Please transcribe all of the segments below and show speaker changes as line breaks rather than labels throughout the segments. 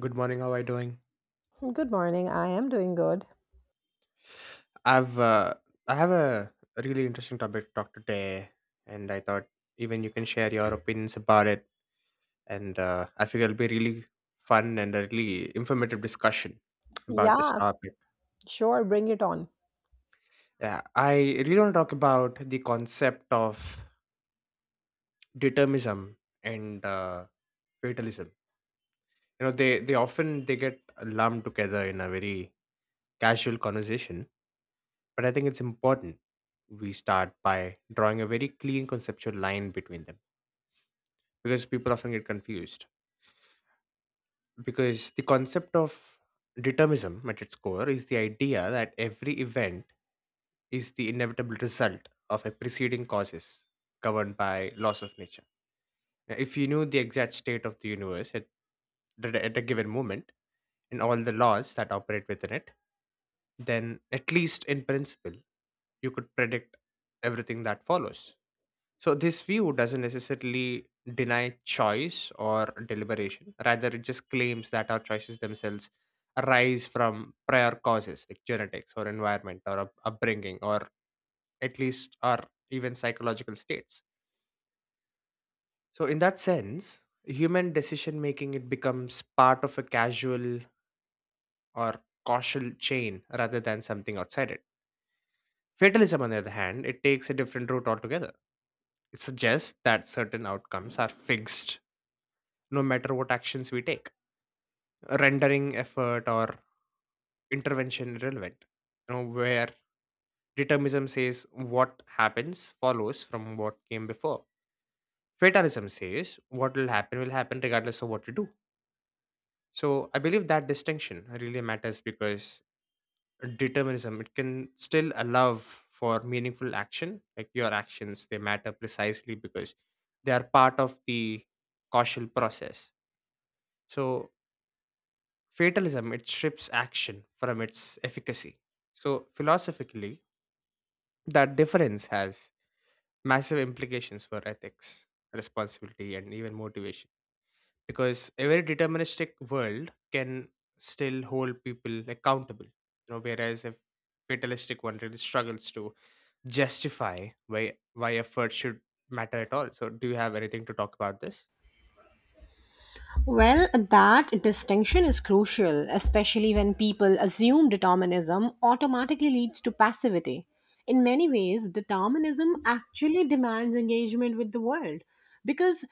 Good morning. How are you doing?
Good morning. I am doing good.
I've uh, I have a really interesting topic to talk today, and I thought even you can share your opinions about it, and I think it'll be really fun and a really informative discussion about this
Yeah,
topic.
sure. Bring it on.
Yeah, I really want to talk about the concept of determinism and fatalism. They often they get lumped together in a very casual conversation. But I think it's important we start by drawing a very clean conceptual line between them because people often get confused. Because the concept of determinism at its core is the idea that every event is the inevitable result of a preceding causes governed by laws of nature. Now, if you knew the exact state of the universe at a given moment and all the laws that operate within it, then at least in principle, you could predict everything that follows. So, this view doesn't necessarily deny choice or deliberation. Rather, it just claims that our choices themselves arise from prior causes like genetics or environment or upbringing or at least our even psychological states. So, in that sense, human decision making it becomes part of a casual or causal chain rather than something outside it. Fatalism, on the other hand, it takes a different route altogether. It suggests that certain outcomes are fixed no matter what actions we take, rendering effort or intervention irrelevant. Where determinism says what happens follows from what came before, fatalism says what will happen regardless of what you do. So I believe that distinction really matters because determinism it can still allow for meaningful action. Like your actions, they matter precisely because they are part of the causal process. So, fatalism, it strips action from its efficacy. So, philosophically, that difference has massive implications for ethics, responsibility, and even motivation. Because a very deterministic world can still hold people accountable, whereas a fatalistic one really struggles to justify why effort should matter at all. So, do you have anything to talk about this?
Well, that distinction is crucial, especially when people assume determinism automatically leads to passivity. In many ways, determinism actually demands engagement with the world because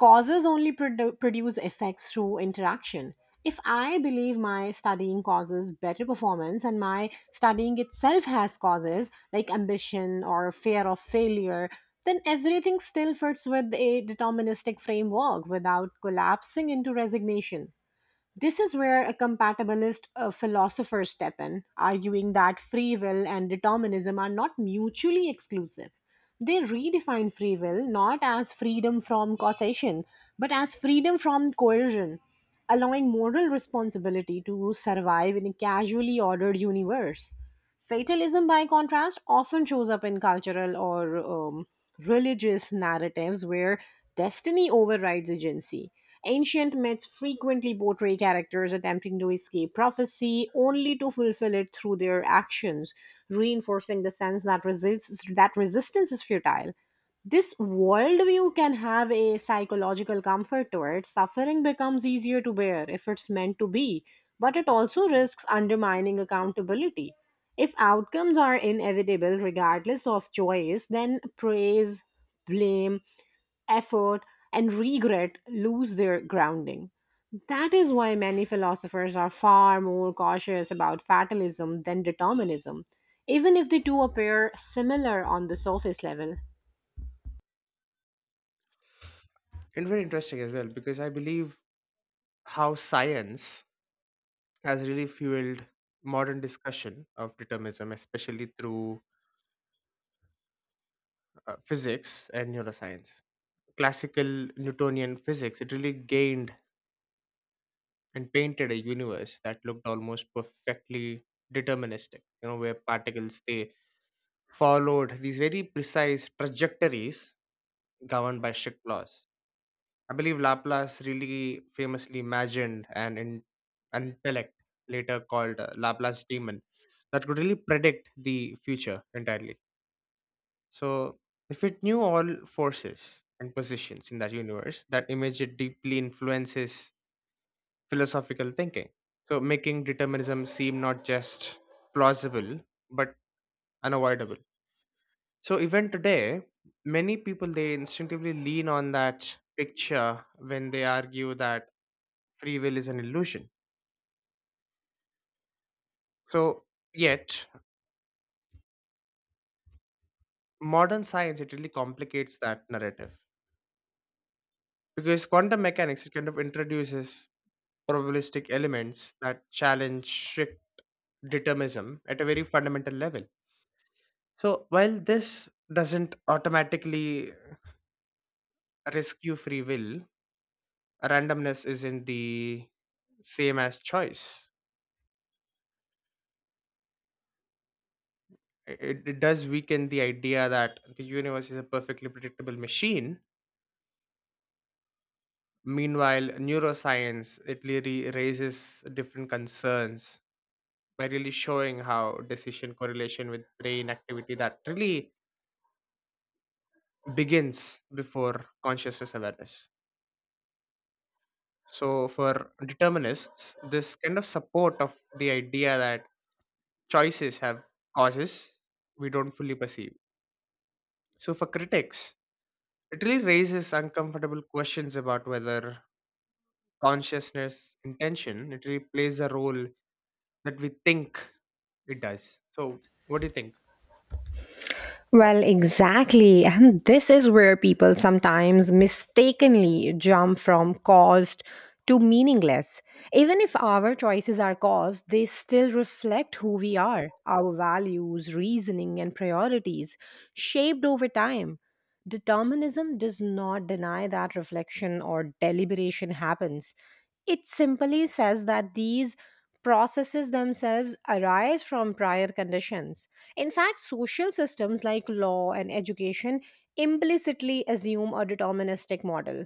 Produce effects through interaction. If I believe my studying causes better performance and my studying itself has causes like ambition or fear of failure, then everything still fits with a deterministic framework without collapsing into resignation. This is where a compatibilist philosophers step in, arguing that free will and determinism are not mutually exclusive. They redefine free will not as freedom from causation, but as freedom from coercion, allowing moral responsibility to survive in a casually ordered universe. Fatalism, by contrast, often shows up in cultural or religious narratives where destiny overrides agency. Ancient myths frequently portray characters attempting to escape prophecy only to fulfill it through their actions, reinforcing the sense that resistance is futile. This worldview can have a psychological comfort to it. Suffering becomes easier to bear if it's meant to be, but it also risks undermining accountability. If outcomes are inevitable regardless of choice, then praise, blame, effort, and regret lose their grounding. That is why many philosophers are far more cautious about fatalism than determinism, even if the two appear similar on the surface level.
And very interesting as well, because I believe how science has really fueled modern discussion of determinism, especially through physics and neuroscience. Classical Newtonian physics, it really gained and painted a universe that looked almost perfectly deterministic, where particles they followed these very precise trajectories governed by strict laws. I believe Laplace really famously imagined an intellect later called Laplace demon that could really predict the future entirely. So, if it knew all forces and positions in that universe, that image it deeply influences philosophical thinking. So, making determinism seem not just plausible but unavoidable. So, even today, many people they instinctively lean on that picture when they argue that free will is an illusion. So, yet modern science it really complicates that narrative. Because quantum mechanics, it kind of introduces probabilistic elements that challenge strict determinism at a very fundamental level. So while this doesn't automatically rescue free will, randomness isn't the same as choice. It does weaken the idea that the universe is a perfectly predictable machine. Meanwhile, neuroscience it really raises different concerns by really showing how decision correlation with brain activity that really begins before consciousness awareness. So, for determinists, this kind of support of the idea that choices have causes we don't fully perceive. So, for critics, it really raises uncomfortable questions about whether consciousness intention it really plays a role that we think it does. So, what do you think?
Well, exactly. And this is where people sometimes mistakenly jump from caused to meaningless. Even if our choices are caused, they still reflect who we are, our values, reasoning, and priorities, shaped over time. Determinism does not deny that reflection or deliberation happens. It simply says that these processes themselves arise from prior conditions. In fact, social systems like law and education implicitly assume a deterministic model.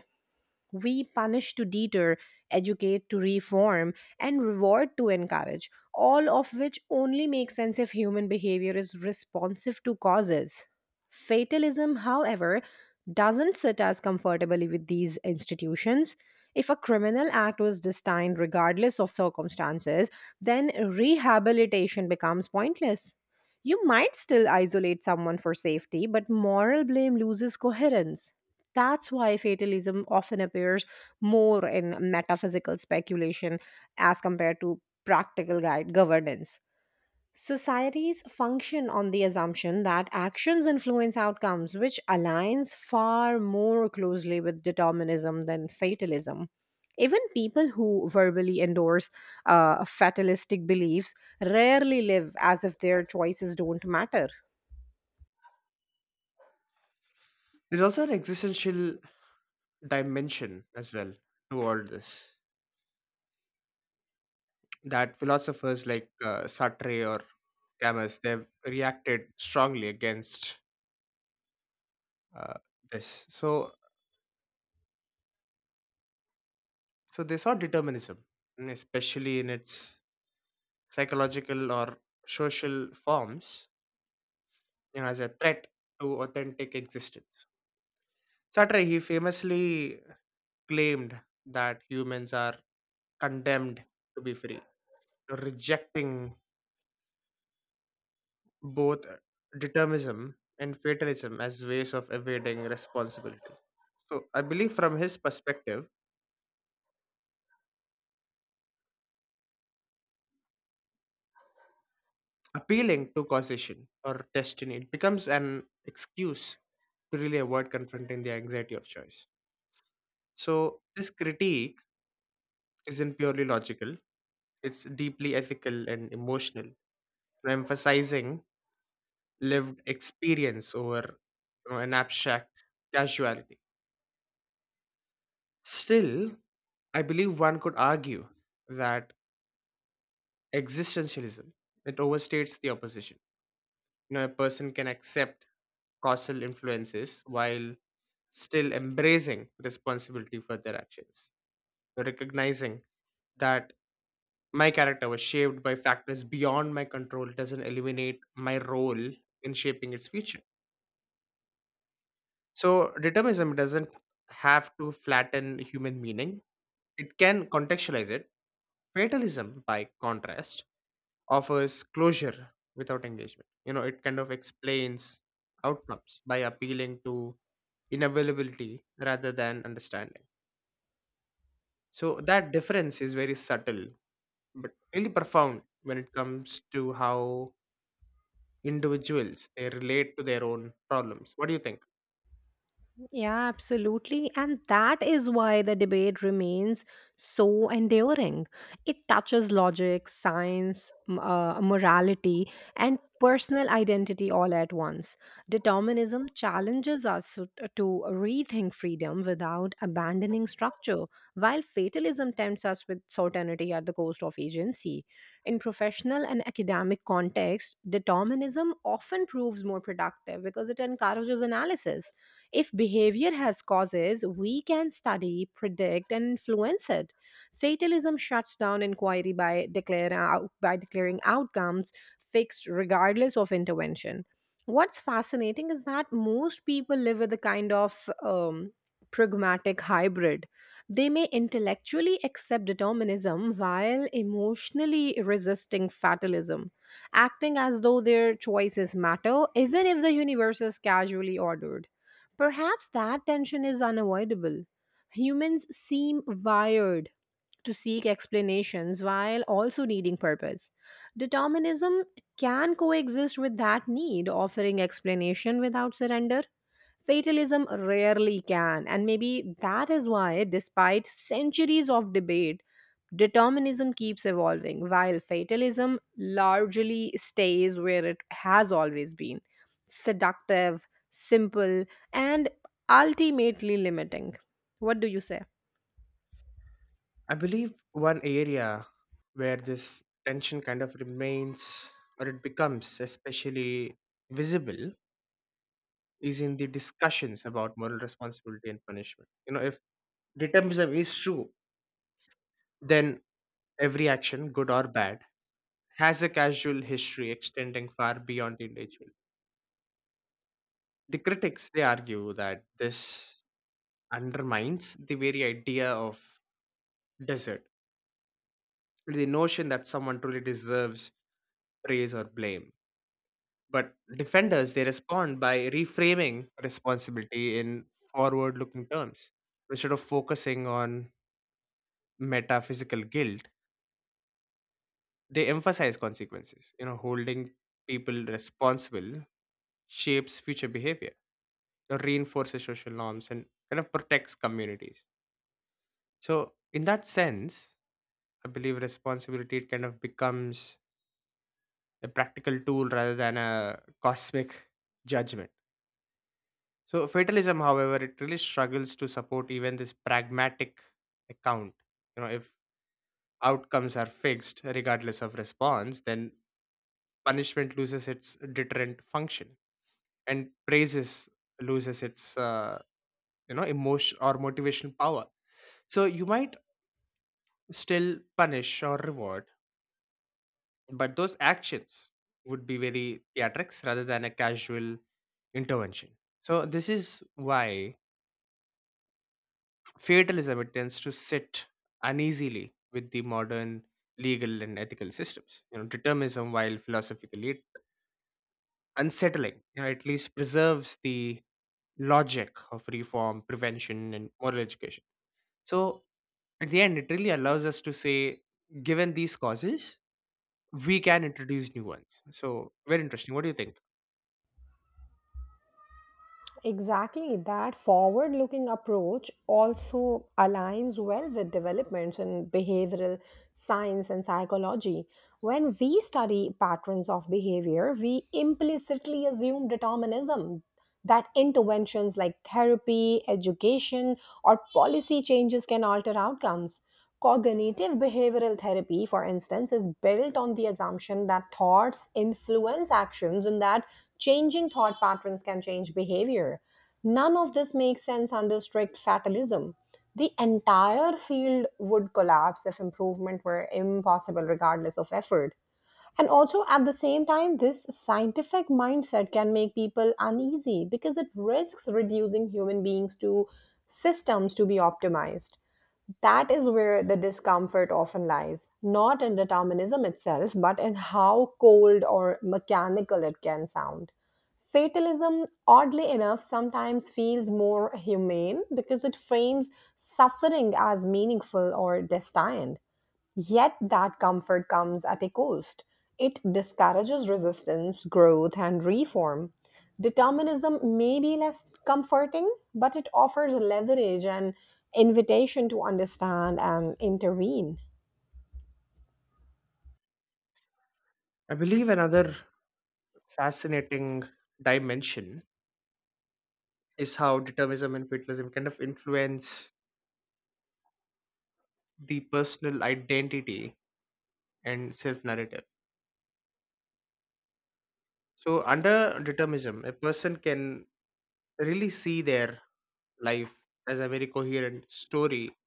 We punish to deter, educate to reform, and reward to encourage, all of which only make sense if human behavior is responsive to causes. Fatalism, however, doesn't sit as comfortably with these institutions. If a criminal act was destined regardless of circumstances, then rehabilitation becomes pointless. You might still isolate someone for safety, but moral blame loses coherence. That's why fatalism often appears more in metaphysical speculation as compared to practical guide governance. Societies function on the assumption that actions influence outcomes, which aligns far more closely with determinism than fatalism. Even people who verbally endorse fatalistic beliefs rarely live as if their choices don't matter.
There's also an existential dimension as well to all this that philosophers like Sartre or Camus they've reacted strongly against uh, this. So they saw determinism, and especially in its psychological or social forms, as a threat to authentic existence. Sartre he famously claimed that humans are condemned to be free, rejecting both determinism and fatalism as ways of evading responsibility. So I believe from his perspective, appealing to causation or destiny it becomes an excuse to really avoid confronting the anxiety of choice. So this critique isn't purely logical, it's deeply ethical and emotional, emphasizing lived experience over an abstract casuality. Still, I believe one could argue that Existentialism, it overstates the opposition. A person can accept causal influences while still embracing responsibility for their actions. Recognizing that my character was shaped by factors beyond my control doesn't eliminate my role in shaping its future. So, determinism doesn't have to flatten human meaning, it can contextualize it. Fatalism, by contrast, offers closure without engagement. It kind of explains outcomes by appealing to inavailability rather than understanding. So that difference is very subtle but really profound when it comes to how individuals they relate to their own problems. What do you think?
Yeah, absolutely. And that is why the debate remains so enduring. It touches logic, science, morality, and personal identity all at once. Determinism challenges us to rethink freedom without abandoning structure, while fatalism tempts us with certainty at the cost of agency. In professional and academic context, determinism often proves more productive because it encourages analysis if behavior has causes, we can study, predict, and influence it. Fatalism shuts down inquiry by declaring outcomes fixed regardless of intervention. What's fascinating is that most people live with a kind of pragmatic hybrid. They may intellectually accept determinism while emotionally resisting fatalism, acting as though their choices matter, even if the universe is casually ordered. Perhaps that tension is unavoidable. Humans seem wired to seek explanations while also needing purpose. Determinism can coexist with that need, offering explanation without surrender. Fatalism rarely can, and maybe that is why, despite centuries of debate, determinism keeps evolving, while fatalism largely stays where it has always been seductive, simple, and ultimately limiting. What do you say?
I believe one area where this tension kind of remains or it becomes especially visible is in the discussions about moral responsibility and punishment. If determinism is true, then every action, good or bad, has a causal history extending far beyond the individual. The critics they argue that this undermines the very idea of desert, the notion that someone truly deserves praise or blame. But defenders they respond by reframing responsibility in forward-looking terms instead of focusing on metaphysical guilt. They emphasize consequences, holding people responsible shapes future behavior, reinforces social norms, and kind of protects communities. So, in that sense, I believe responsibility it kind of becomes a practical tool rather than a cosmic judgment. So, fatalism, however, it really struggles to support even this pragmatic account. If outcomes are fixed regardless of response, then punishment loses its deterrent function and praises loses its emotion or motivational power. So you might still punish or reward, but those actions would be very theatrics rather than a casual intervention. So this is why fatalism it tends to sit uneasily with the modern legal and ethical systems. Determinism, while philosophically unsettling, at least preserves the logic of reform, prevention, and moral education. So at the end, it really allows us to say, given these causes, we can introduce new ones. So very interesting. What do you think?
Exactly, that forward looking approach also aligns well with developments in behavioral science and psychology. When we study patterns of behavior, we implicitly assume determinism that interventions like therapy, education, or policy changes can alter outcomes. Cognitive behavioral therapy, for instance, is built on the assumption that thoughts influence actions and that changing thought patterns can change behavior. None of this makes sense under strict fatalism. The entire field would collapse if improvement were impossible, regardless of effort. And also, at the same time, this scientific mindset can make people uneasy because it risks reducing human beings to systems to be optimized. That is where the discomfort often lies, not in determinism itself, but in how cold or mechanical it can sound. Fatalism, oddly enough, sometimes feels more humane because it frames suffering as meaningful or destined. Yet that comfort comes at a cost. It discourages resistance, growth, and reform. Determinism may be less comforting, but it offers leverage and invitation to understand and intervene.
I believe another fascinating dimension is how determinism and fatalism kind of influence the personal identity and self narrative. So, under determinism, a person can really see their life as a very coherent story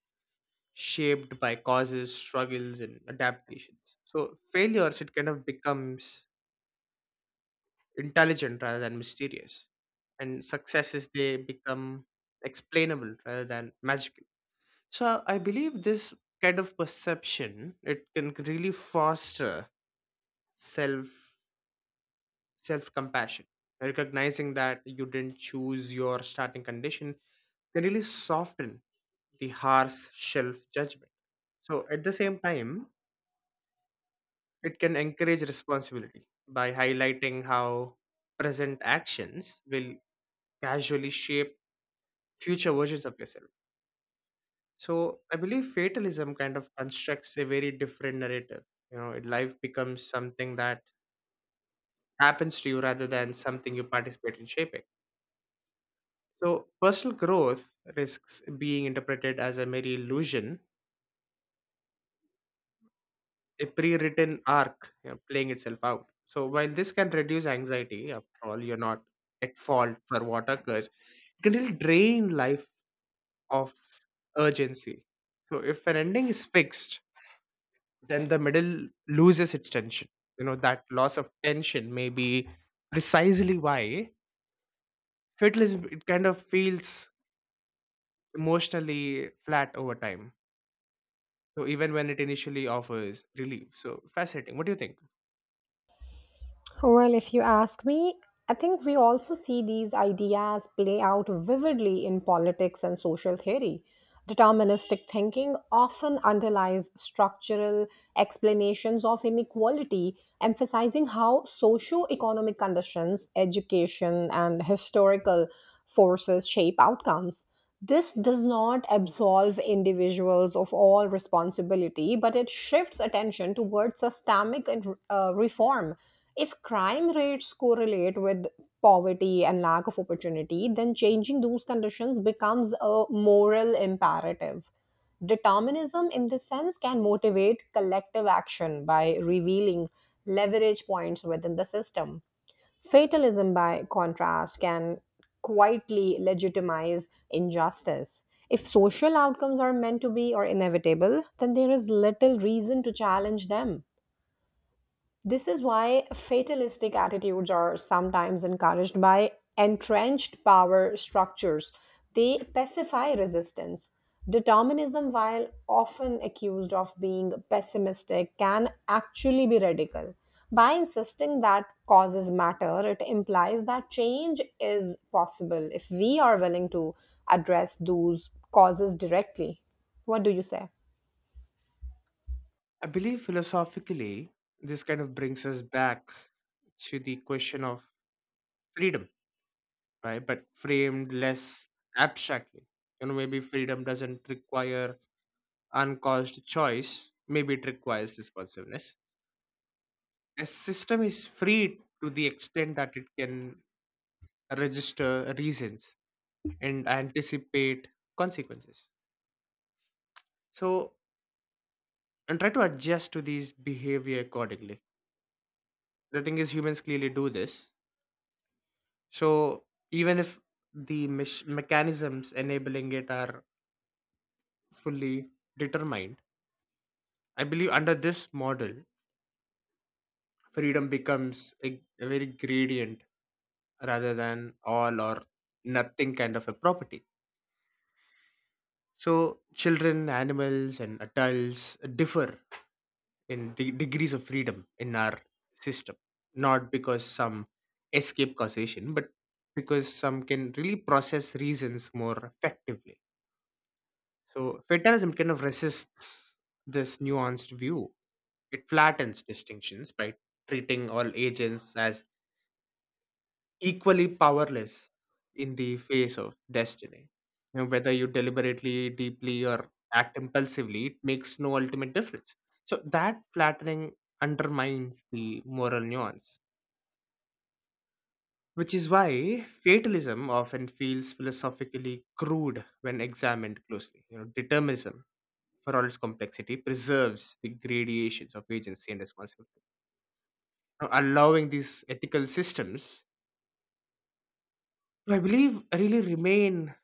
shaped by causes, struggles, and adaptations. So, failures, it kind of becomes intelligent rather than mysterious, and successes they become explainable rather than magical. So I believe this kind of perception it can really foster self self compassion. Recognizing that you didn't choose your starting condition can really soften the harsh self judgment. So at the same time, it can encourage responsibility by highlighting how present actions will casually shape future versions of yourself. So I believe fatalism kind of constructs a very different narrative. Life becomes something that happens to you rather than something you participate in shaping. So personal growth risks being interpreted as a mere illusion, a pre-written arc playing itself out. So while this can reduce anxiety, after all, you're not at fault for what occurs. It can really drain life of urgency. So if an ending is fixed, then the middle loses its tension. That loss of tension may be precisely why fatalism it kind of feels emotionally flat over time. So even when it initially offers relief. So fascinating. What do you think?
Well, if you ask me, I think we also see these ideas play out vividly in politics and social theory. Deterministic thinking often underlies structural explanations of inequality, emphasizing how socio-economic conditions, education, and historical forces shape outcomes. This does not absolve individuals of all responsibility, but it shifts attention towards systemic and reform. If crime rates correlate with poverty and lack of opportunity, then changing those conditions becomes a moral imperative. Determinism, in this sense, can motivate collective action by revealing leverage points within the system. Fatalism, by contrast, can quietly legitimize injustice. If social outcomes are meant to be or inevitable, then there is little reason to challenge them. This is why fatalistic attitudes are sometimes encouraged by entrenched power structures. They pacify resistance. Determinism, while often accused of being pessimistic, can actually be radical. By insisting that causes matter, it implies that change is possible if we are willing to address those causes directly. What do you say?
I believe philosophically this kind of brings us back to the question of freedom, right? But framed less abstractly. Maybe freedom doesn't require uncaused choice. Maybe it requires responsiveness. A system is free to the extent that it can register reasons and anticipate consequences, so, and try to adjust to these behavior accordingly. The thing is, humans clearly do this. So, even if the mechanisms enabling it are fully determined, I believe under this model freedom becomes a very gradient rather than all or nothing kind of a property. So, children, animals, and adults differ in degrees of freedom in our system, not because some escape causation, but because some can really process reasons more effectively. So, fatalism kind of resists this nuanced view. It flattens distinctions by treating all agents as equally powerless in the face of destiny. Whether you deliberately, deeply, or act impulsively, it makes no ultimate difference. So that flattening undermines the moral nuance, which is why fatalism often feels philosophically crude when examined closely. Determinism, for all its complexity, preserves the gradations of agency and responsibility, now allowing these ethical systems to, I believe, really remain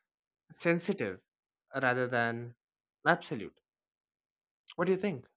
sensitive rather than absolute. What do you think?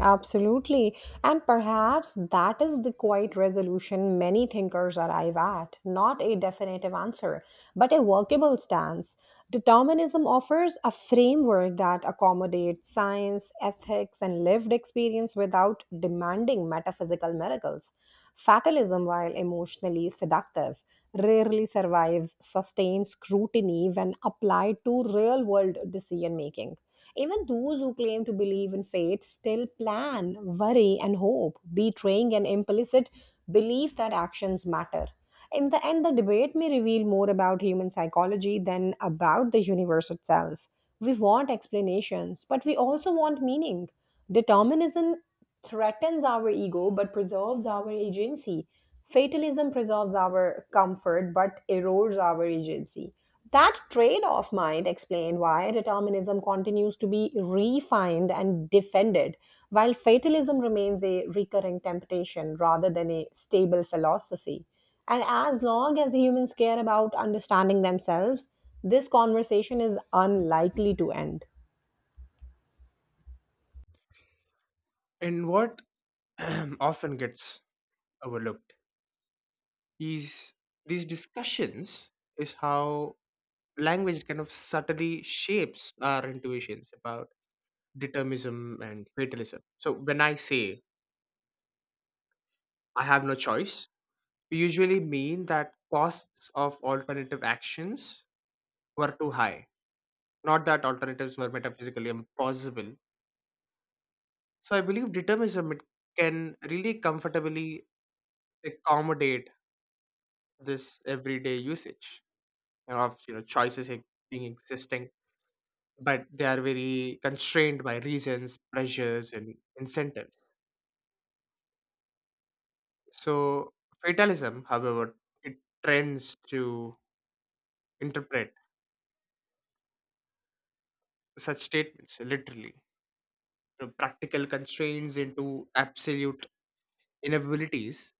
Absolutely. And perhaps that is the quiet resolution many thinkers arrive at not a definitive answer, but a workable stance. Determinism offers a framework that accommodates science, ethics, and lived experience without demanding metaphysical miracles. Fatalism, while emotionally seductive, rarely survives sustained scrutiny when applied to real world decision making. Even those who claim to believe in fate still plan, worry, and hope, betraying an implicit belief that actions matter. In the end, the debate may reveal more about human psychology than about the universe itself. We want explanations, but we also want meaning. Determinism threatens our ego but preserves our agency. Fatalism preserves our comfort but erodes our agency. That trade off might explain why determinism continues to be refined and defended, while fatalism remains a recurring temptation rather than a stable philosophy. And as long as humans care about understanding themselves, this conversation is unlikely to end.
And what often gets overlooked is these discussions is how language kind of subtly shapes our intuitions about determinism and fatalism. So when I say I have no choice, we usually mean that costs of alternative actions were too high, not that alternatives were metaphysically impossible. So I believe determinism it can really comfortably accommodate this everyday usage of choices being existing, but they are very constrained by reasons, pressures, and incentives. So fatalism, however, it trends to interpret such statements literally, practical constraints into absolute inabilities.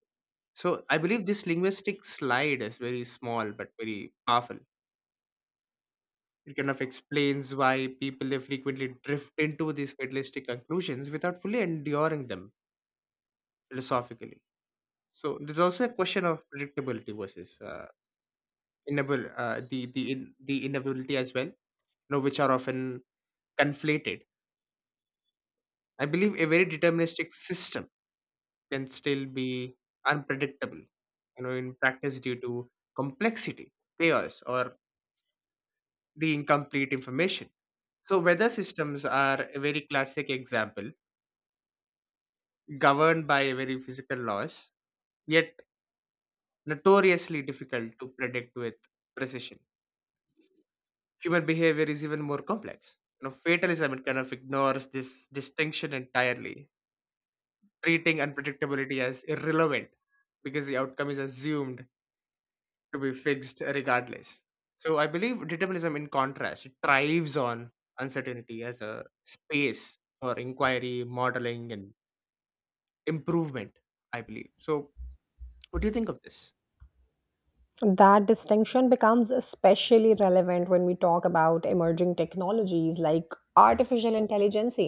So I believe this linguistic slide is very small but very powerful. It kind of explains why people they frequently drift into these fatalistic conclusions without fully enduring them philosophically. So there's also a question of predictability versus the inability as well, which are often conflated. I believe a very deterministic system can still be unpredictable, in practice due to complexity, chaos, or the incomplete information. So, weather systems are a very classic example governed by very physical laws, yet notoriously difficult to predict with precision. Human behavior is even more complex. Fatalism it kind of ignores this distinction entirely, treating unpredictability as irrelevant because the outcome is assumed to be fixed regardless. So I believe determinism, in contrast, it thrives on uncertainty as a space for inquiry, modeling, and improvement. I believe. So, what do you think of this?
That distinction becomes especially relevant when we talk about emerging technologies like artificial intelligence.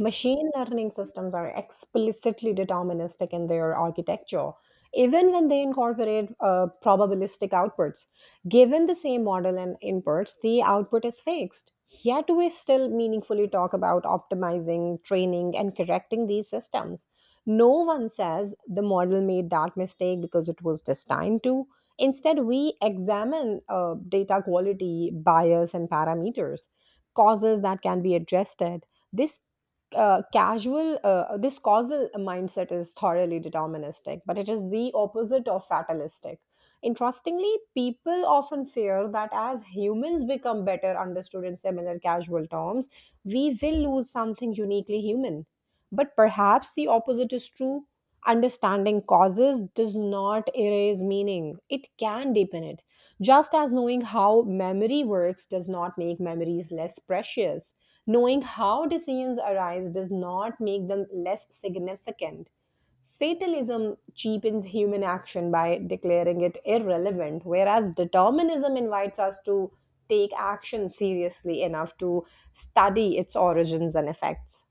Machine learning systems are explicitly deterministic in their architecture, even when they incorporate probabilistic outputs. Given the same model and inputs, the output is fixed. Yet, we still meaningfully talk about optimizing, training, and correcting these systems. No one says the model made that mistake because it was destined to Instead, we examine data quality, bias, and parameters, causes that can be addressed. This this causal mindset is thoroughly deterministic, but it is the opposite of fatalistic. Interestingly, people often fear that as humans become better understood in similar casual terms, we will lose something uniquely human. But perhaps the opposite is true. Understanding causes does not erase meaning, it can deepen it. Just as knowing how memory works does not make memories less precious, knowing how decisions arise does not make them less significant. Fatalism cheapens human action by declaring it irrelevant, whereas determinism invites us to take action seriously enough to study its origins and effects.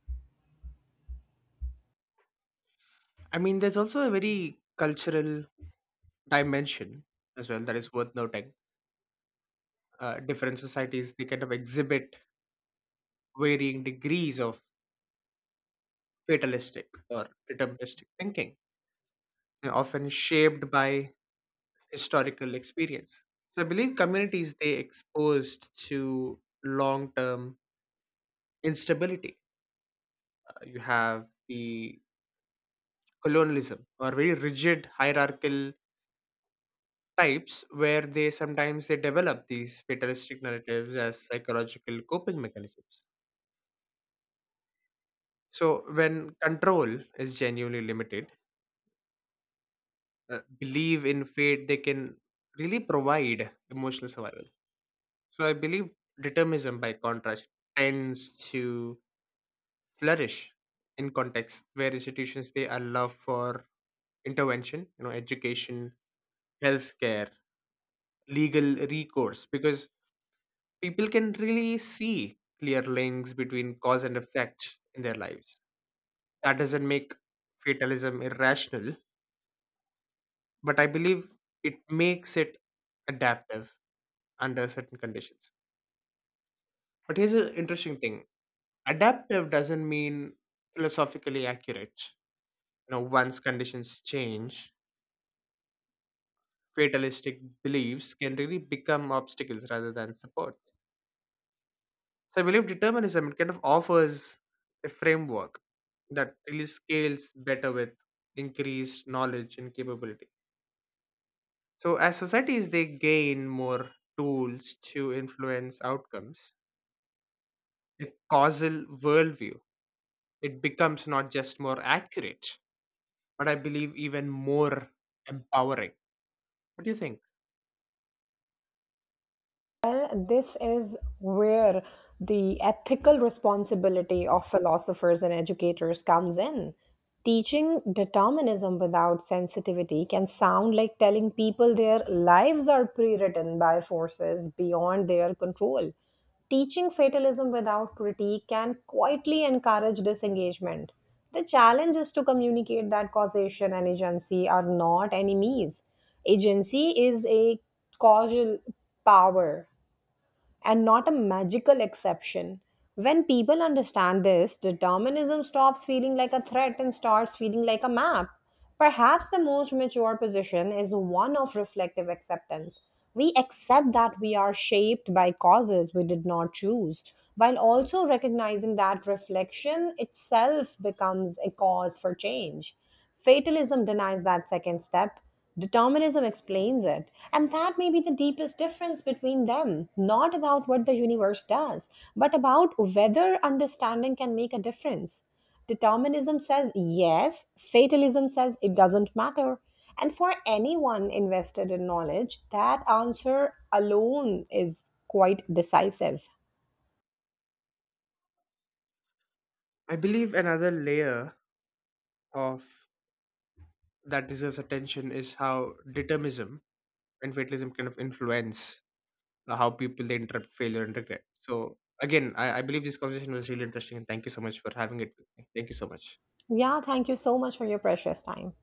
I mean, there's also a very cultural dimension as well that is worth noting. Different societies they kind of exhibit varying degrees of fatalistic or deterministic thinking, often shaped by historical experience. So I believe communities they exposed to long-term instability. You have the colonialism or very rigid hierarchical types where they sometimes they develop these fatalistic narratives as psychological coping mechanisms, so when control is genuinely limited, believe in fate they can really provide emotional survival. So I believe determinism, by contrast, tends to flourish in contexts where institutions they allow for intervention, education, healthcare, legal recourse, because people can really see clear links between cause and effect in their lives. That doesn't make fatalism irrational, but I believe it makes it adaptive under certain conditions. But here's an interesting thing: adaptive doesn't mean philosophically accurate. Once conditions change, fatalistic beliefs can really become obstacles rather than support. So I believe determinism it kind of offers a framework that really scales better with increased knowledge and capability. So as societies they gain more tools to influence outcomes, a causal worldview it becomes not just more accurate, but I believe even more empowering. What do you think?
Well, this is where the ethical responsibility of philosophers and educators comes in. Teaching determinism without sensitivity can sound like telling people their lives are pre written by forces beyond their control. Teaching fatalism without critique can quietly encourage disengagement. The challenge is to communicate that causation and agency are not enemies. Agency is a causal power and not a magical exception. When people understand this, determinism stops feeling like a threat and starts feeling like a map. Perhaps the most mature position is one of reflective acceptance. We accept that we are shaped by causes we did not choose, while also recognizing that reflection itself becomes a cause for change. Fatalism denies that second step. Determinism explains it. And that may be the deepest difference between them. Not about what the universe does, but about whether understanding can make a difference. Determinism says yes, fatalism says it doesn't matter. And for anyone invested in knowledge, that answer alone is quite decisive.
I believe another layer of that deserves attention is how determinism and fatalism kind of influence how people they interpret failure and regret. So again, I believe this conversation was really interesting, and thank you so much for having it with me. Thank you so much.
Yeah, thank you so much for your precious time.